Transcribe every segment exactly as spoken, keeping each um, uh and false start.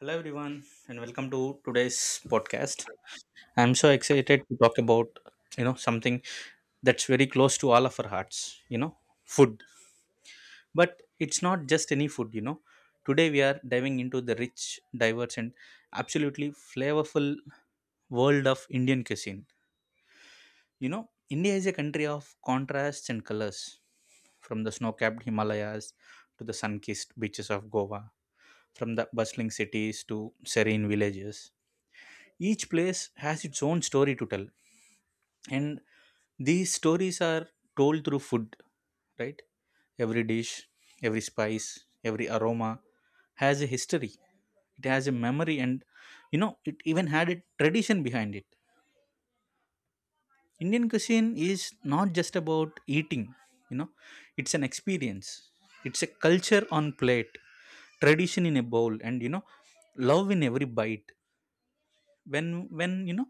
Hello everyone and welcome to today's podcast. I'm so excited to talk about you know something that's very close to all of our hearts, you know, food. But it's not just any food, you know. Today we are diving into the rich, diverse and absolutely flavorful world of Indian cuisine. You know, India is a country of contrasts and colors, from the snow-capped Himalayas to the sun-kissed beaches of Goa, from the bustling cities to serene villages. Each place has its own story to tell, and these stories are told through food, right? Every dish, every spice, every aroma has a history. It has a memory, and you know, it even had a tradition behind it. Indian cuisine is not just about eating, you know, it's an experience, it's a culture on plate, tradition in a bowl, and you know, love in every bite. When when you know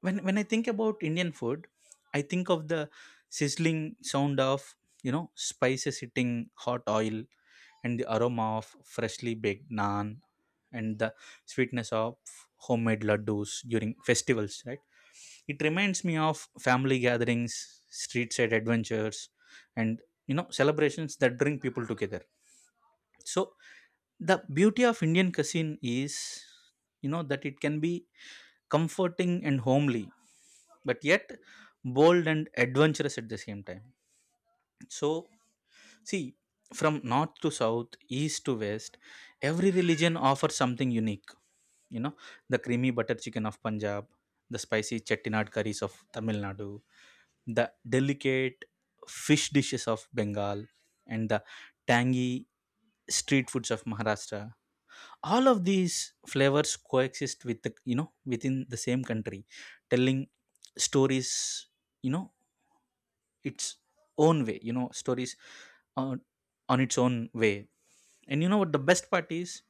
when when i think about Indian food, I think of the sizzling sound of you know spices hitting hot oil, and the aroma of freshly baked naan, and the sweetness of homemade laddus during festivals, right? It reminds me of family gatherings, street side adventures, and you know celebrations that bring people together. So the beauty of Indian cuisine is you know that it can be comforting and homely, but yet bold and adventurous at the same time. So, see, from north to south, east to west, every religion offers something unique. You know, the creamy butter chicken of Punjab, the spicy chettinad curries of Tamil Nadu, the delicate fish dishes of Bengal, and the tangy street foods of Maharashtra, all of these flavors coexist with the you know within the same country, telling stories you know its own way, you know stories on, on its own way. And you know what the best part is?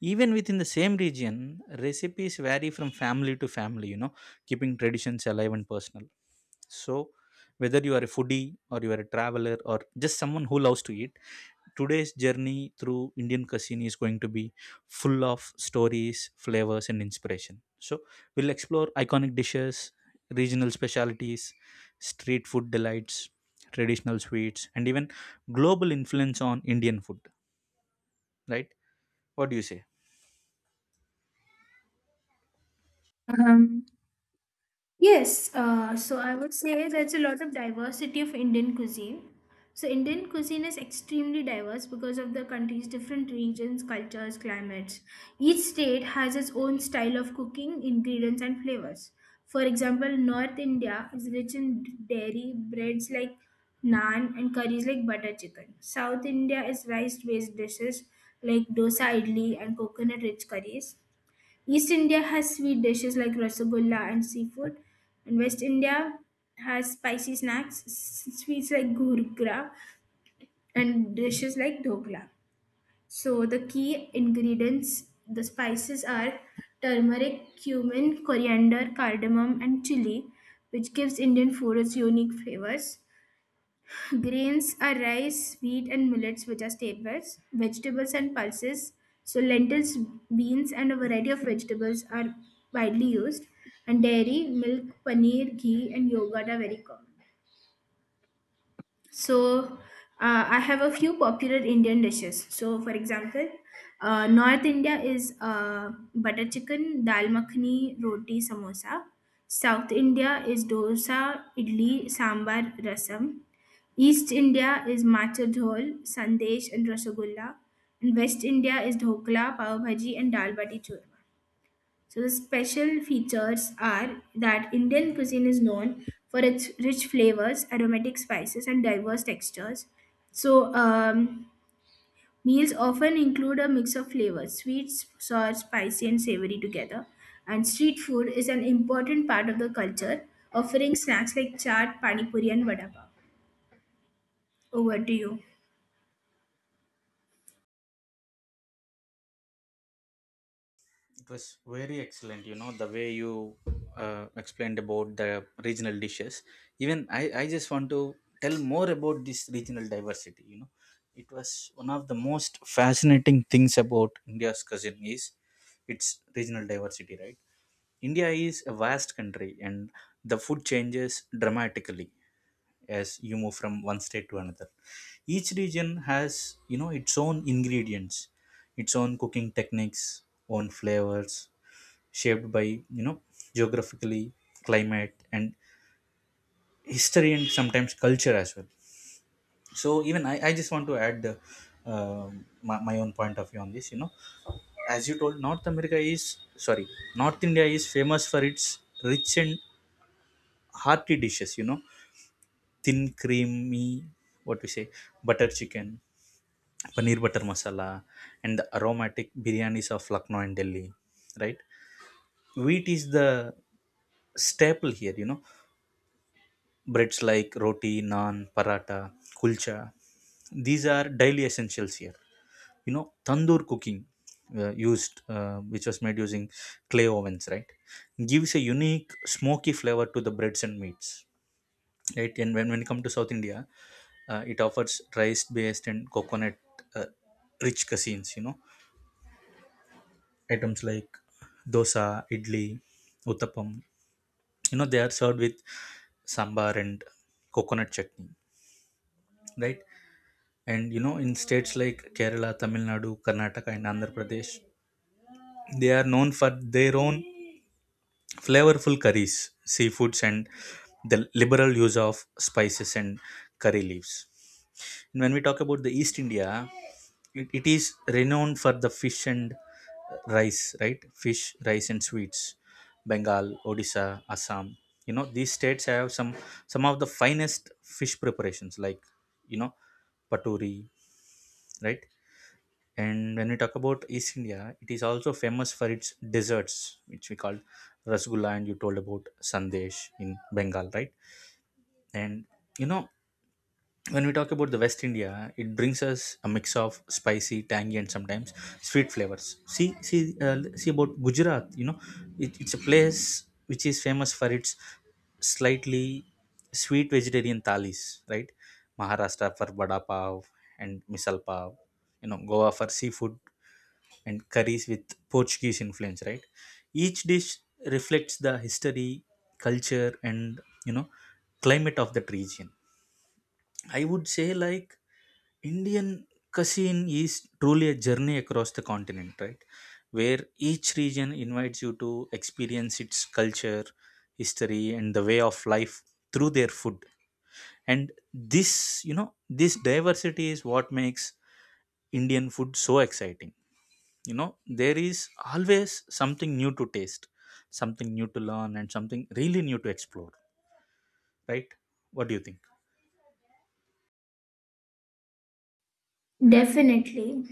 Even within the same region, recipes vary from family to family, you know, keeping traditions alive and personal. So whether you are a foodie or you are a traveler or just someone who loves to eat, today's journey through Indian cuisine is going to be full of stories, flavors, and inspiration. So, we'll explore iconic dishes, regional specialties, street food delights, traditional sweets, and even global influence on Indian food, right? What do you say? Um, yes, uh, so I would say there's a lot of diversity of Indian cuisine. So Indian cuisine is extremely diverse because of the country's different regions, cultures, climates. Each state has its own style of cooking, ingredients, and flavors. For example, North India is rich in dairy, breads like naan, and curries like butter chicken. South India is rice-based dishes like dosa, idli, and coconut-rich curries. East India has sweet dishes like rasagulla and seafood, and West India has spicy snacks, s- sweets like gurgra, and dishes like dhokla. So the key ingredients, the spices are turmeric, cumin, coriander, cardamom, and chili, which gives Indian food its unique flavors. Grains are rice, wheat, and millets, which are staples. Vegetables and pulses, so lentils, beans, and a variety of vegetables are widely used. And dairy, milk, paneer, ghee, and yogurt are very common. So, uh, I have a few popular Indian dishes. So, for example, uh, North India is uh, butter chicken, dal makhani, roti, samosa. South India is dosa, idli, sambar, rasam. East India is matcha dhol, sandesh, and rasagulla. And West India is dhokla, pav bhaji, and dal bati churma. So the special features are that Indian cuisine is known for its rich flavors, aromatic spices, and diverse textures. So um, Meals often include a mix of flavors: sweet, sour, spicy, and savory together. And street food is an important part of the culture, offering snacks like chaat, pani puri, and vada pav. Over to you. It was very excellent, you know, the way you uh, explained about the regional dishes. Even I, I just want to tell more about this regional diversity, you know. It was one of the most fascinating things about India's cousin is its regional diversity, right? India is a vast country and the food changes dramatically as you move from one state to another. Each region has you know its own ingredients, its own cooking techniques, own flavors, shaped by you know geographically, climate, and history, and sometimes culture as well. So even i, I just want to add the, um my, my own point of view on this, you know. As you told, north America is, sorry, north India is famous for its rich and hearty dishes, you know, thin creamy, what we say, butter chicken, paneer butter masala, and the aromatic biryanis of Lucknow and Delhi, right? Wheat is the staple here, you know. Breads like roti, naan, paratha, kulcha, these are daily essentials here. You know, tandoor cooking, uh, used uh, which was made using clay ovens, right, gives a unique smoky flavor to the breads and meats, right? And when, when it comes to south India, uh, it offers rice based and coconut, uh, rich cuisines, you know. Items like dosa, idli, uttapam. You know, they are served with sambar and coconut chutney, right? And you know, in states like Kerala, Tamil Nadu, Karnataka, and Andhra Pradesh, they are known for their own flavorful curries, seafoods, and the liberal use of spices and curry leaves. And when we talk about the East India, it, it is renowned for the fish and rice, right? Fish, rice and sweets. Bengal, Odisha, Assam, you know, these states have some some of the finest fish preparations like you know paturi, right? And when we talk about east India, it is also famous for its desserts, which we call rasgulla, and you told about sandesh in Bengal, right? And you know, when we talk about the west India, it brings us a mix of spicy, tangy and sometimes sweet flavors. See see uh, see about Gujarat, you know, it, it's a place which is famous for its slightly sweet vegetarian thalis, right? Maharashtra for vada pav and misal pav, you know, Goa for seafood and curries with Portuguese influence, right? Each dish reflects the history, culture, and you know climate of that region. I would say like Indian cuisine is truly a journey across the continent, right? Where each region invites you to experience its culture, history, and the way of life through their food. And this, you know, this diversity is what makes Indian food so exciting. You know, there is always something new to taste, something new to learn, and something really new to explore, right? What do you think? Definitely.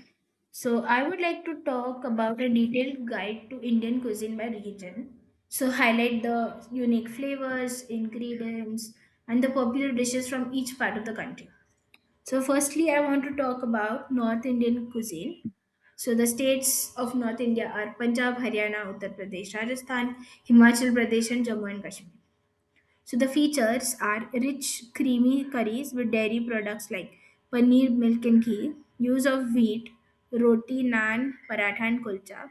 So, I would like to talk about a detailed guide to Indian cuisine by region. So, highlight the unique flavors, ingredients, and the popular dishes from each part of the country. So, firstly, I want to talk about North Indian cuisine. So, the states of North India are Punjab, Haryana, Uttar Pradesh, Rajasthan, Himachal Pradesh, and Jammu and Kashmir. So the features are rich creamy curries with dairy products like paneer, milk and ghee, use of wheat, roti, naan, paratha and kulcha,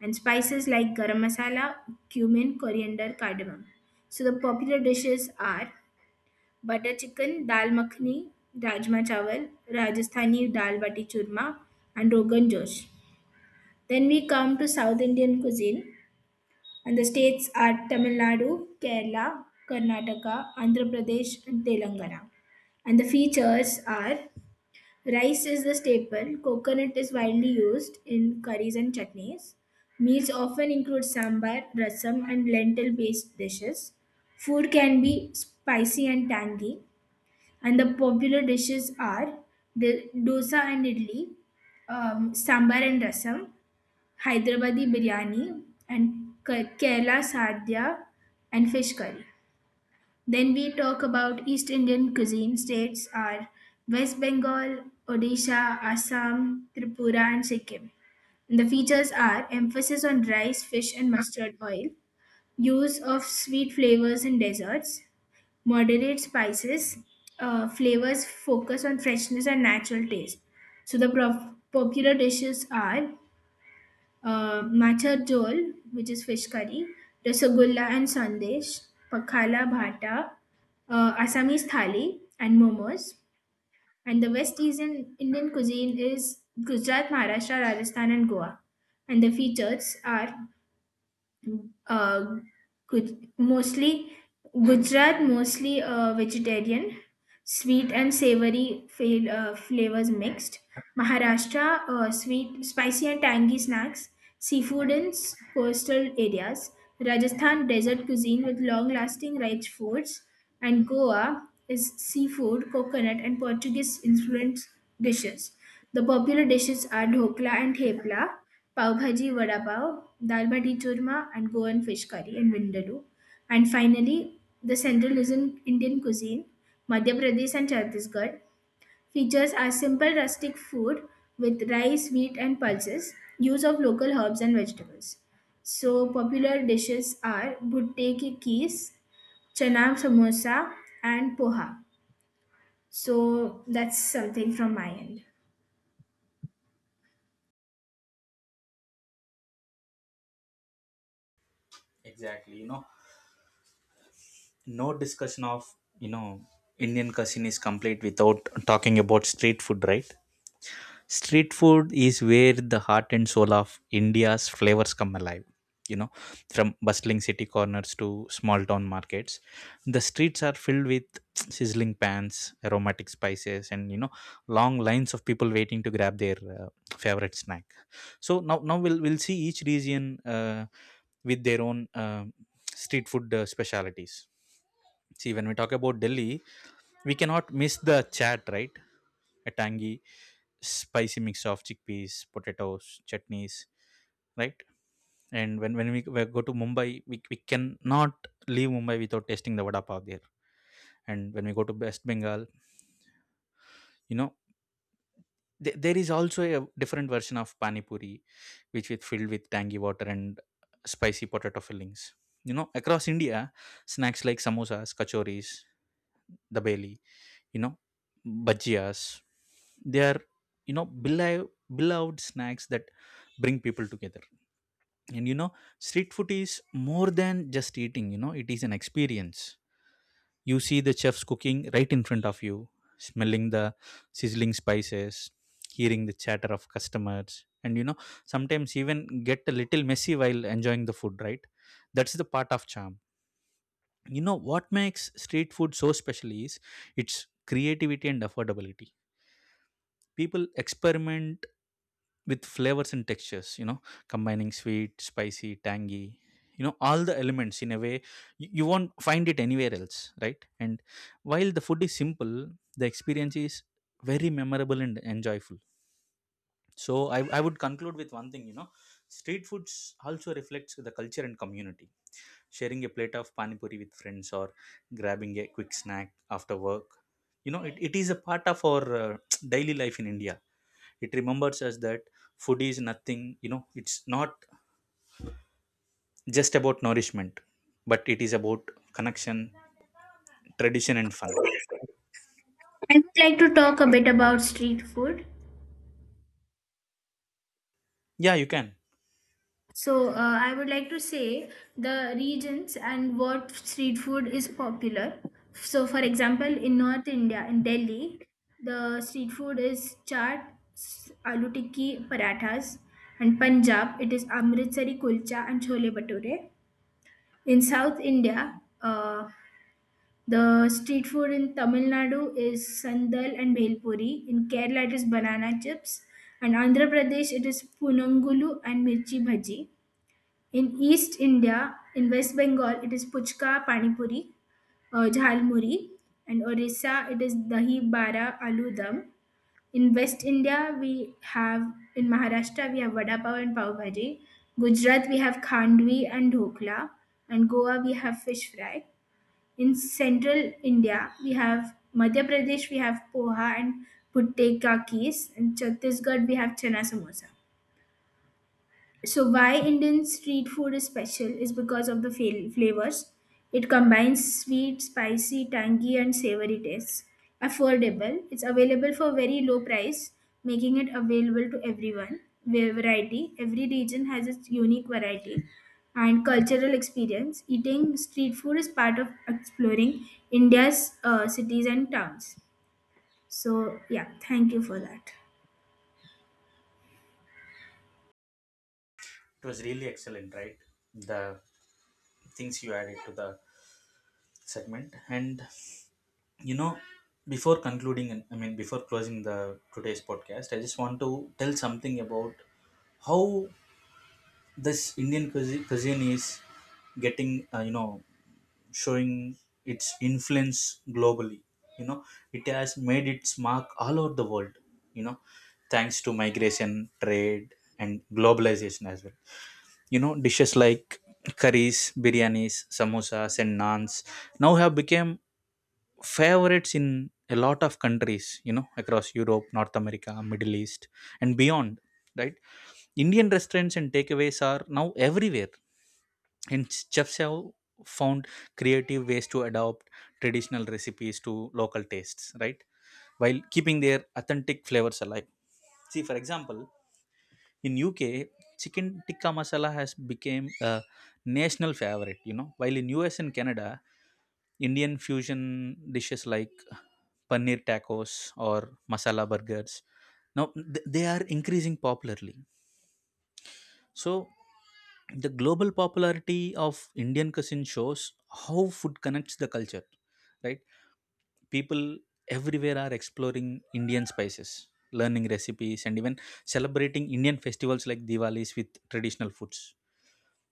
and spices like garam masala, cumin, coriander, cardamom. So the popular dishes are butter chicken, dal makhani, rajma chawal, Rajasthani dal bati churma, and rogan josh. Then we come to South Indian cuisine and the states are Tamil Nadu, Kerala, Karnataka, Andhra Pradesh, and Telangana. And the features are rice is the staple, coconut is widely used in curries and chutneys. Meals often include sambar, rasam, and lentil based dishes. Food can be spicy and tangy, and the popular dishes are the dosa and idli, um, sambar and rasam, Hyderabadi biryani, and Ke- Kerala sadhya and fish curry. Then we talk about East Indian cuisine. States are West Bengal, Odisha, Assam, Tripura, and Sikkim. The features are emphasis on rice, fish, and mustard oil, use of sweet flavors in desserts, moderate spices, uh, flavors focus on freshness and natural taste. So the prof- popular dishes are uh, matcha dol, which is fish curry, rasagulla and sandesh, pakhala bhata, uh, Assamese thali, and momos. And the West Asian Indian cuisine is Gujarat, Maharashtra, Rajasthan, and Goa. And the features are uh, Gu- mostly Gujarat, mostly uh, vegetarian, sweet and savory fail, uh, flavors mixed. Maharashtra, uh, sweet, spicy and tangy snacks. Seafood in s- coastal areas. Rajasthan, desert cuisine with long-lasting rich foods. And Goa is seafood, coconut and Portuguese-influenced dishes. The popular dishes are dhokla and thepla, pav bhaji, vada pav, dal bati churma, and Goan fish curry and vindaloo. And finally, the central is in Indian cuisine, Madhya Pradesh and Chhattisgarh, features are simple rustic food with rice, wheat, and pulses, use of local herbs and vegetables. So, popular dishes are bhutte ki kees, chana samosa, and poha. So, that's something from my end. Exactly, you know, no discussion of you know Indian cuisine is complete without talking about street food, right? Street food is where the heart and soul of India's flavors come alive, you know. From bustling city corners to small town markets, the streets are filled with sizzling pans, aromatic spices, and you know, long lines of people waiting to grab their uh, favorite snack. So now now we'll we'll see each region, uh, with their own, uh, street food, uh, specialities. See, when we talk about Delhi, we cannot miss the chat, right? A tangy, spicy mix of chickpeas, potatoes, chutneys, right? And when, when we, we go to Mumbai, we, we cannot leave Mumbai without tasting the vada pav there. And when we go to West Bengal, you know, th- there is also a different version of pani puri, which is filled with tangy water and spicy potato fillings. You know, across India, snacks like samosas, kachoris, dabeli, you know, bhajias, they are, you know, beloved, beloved snacks that bring people together. And you know, street food is more than just eating, you know, it is an experience. You see the chefs cooking right in front of you, smelling the sizzling spices, hearing the chatter of customers, and you know, sometimes even get a little messy while enjoying the food, right? That's the part of charm. You know, what makes street food so special is its creativity and affordability. People experiment with flavors and textures, you know, combining sweet, spicy, tangy, you know, all the elements in a way you, you won't find it anywhere else, right? And while the food is simple, the experience is very memorable and enjoyable. So i, I would conclude with one thing, you know, street foods also reflects the culture and community. Sharing a plate of pani puri with friends or grabbing a quick snack after work, you know, it, it is a part of our uh, daily life in India. It remembers us that food is nothing, you know, it's not just about nourishment, but it is about connection, tradition, and fun. I would like to talk a bit about street food. Yeah, you can. So, uh, I would like to say the regions and what street food is popular. So, for example, in North India, in Delhi, the street food is chaat, s- aloo tikki, parathas, and Punjab, it is Amritsari kulcha and chole bhature. In South India, uh, the street food in Tamil Nadu is sandal and bhelpuri. In Kerala, it is banana chips, and Andhra Pradesh, it is punangulu and mirchi bhaji. In East India, in West Bengal, it is puchka pani puri, uh, jhal muri, and Orissa it is dahi bara aloo dum. In West India, we have in Maharashtra we have vada pav and pav bhaji. Gujarat we have khandvi and dhokla, and Goa we have fish fry. In Central India, we have Madhya Pradesh we have poha and putte ka kees. In Chhattisgarh we have chana samosa. So, why Indian street food is special is because of the fa- flavors. It combines sweet, spicy, tangy, and savory tastes. Affordable. It's available for very low price, making it available to everyone. Va- Variety. Every region has its unique variety. And cultural experience. Eating street food is part of exploring India's uh, cities and towns. So, yeah, thank you for that. It was really excellent, right? The things you added to the segment. And, you know, before concluding, and I mean, before closing the today's podcast, I just want to tell something about how this Indian cuisi- cuisine is getting, uh, you know, showing its influence globally. You know, it has made its mark all over the world, you know, thanks to migration, trade and globalization as well. You know, dishes like curries, biryanis, samosas and naans now have become favorites in a lot of countries, you know, across Europe, North America, Middle East, and beyond, right? Indian restaurants and takeaways are now everywhere, and chefs have found creative ways to adapt traditional recipes to local tastes, right, while keeping their authentic flavors alive. See, for example, in UK, chicken tikka masala has become a national favorite, you know, while in US and Canada, Indian fusion dishes like paneer tacos or masala burgers now th- they are increasing popularly. So, the global popularity of Indian cuisine shows how food connects the culture, right? People everywhere are exploring Indian spices, learning recipes, and even celebrating Indian festivals like Diwalis with traditional foods.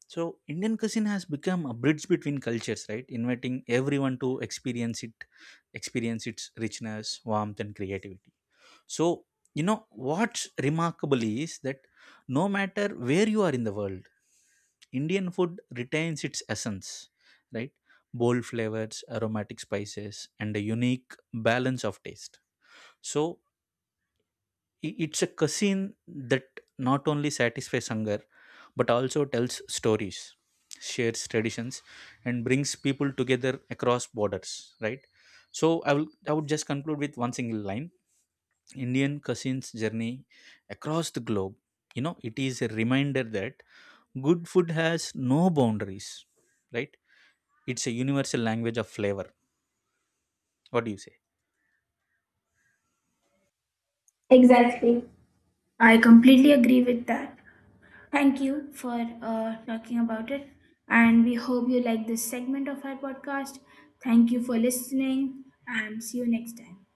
So, Indian cuisine has become a bridge between cultures, right? Inviting everyone to experience it, experience its richness, warmth, and creativity. So, you know, what's remarkable is that no matter where you are in the world, Indian food retains its essence, right? Bold flavors, aromatic spices, and a unique balance of taste. So, i- it's a cuisine that not only satisfies hunger but also tells stories, shares traditions, and brings people together across borders, right? So, I will I would just conclude with one single line. Indian cuisine's journey across the globe, you know, it is a reminder that good food has no boundaries, right? It's a universal language of flavor. What do you say? Exactly. I completely agree with that. Thank you for uh, talking about it. And we hope you like this segment of our podcast. Thank you for listening and see you next time.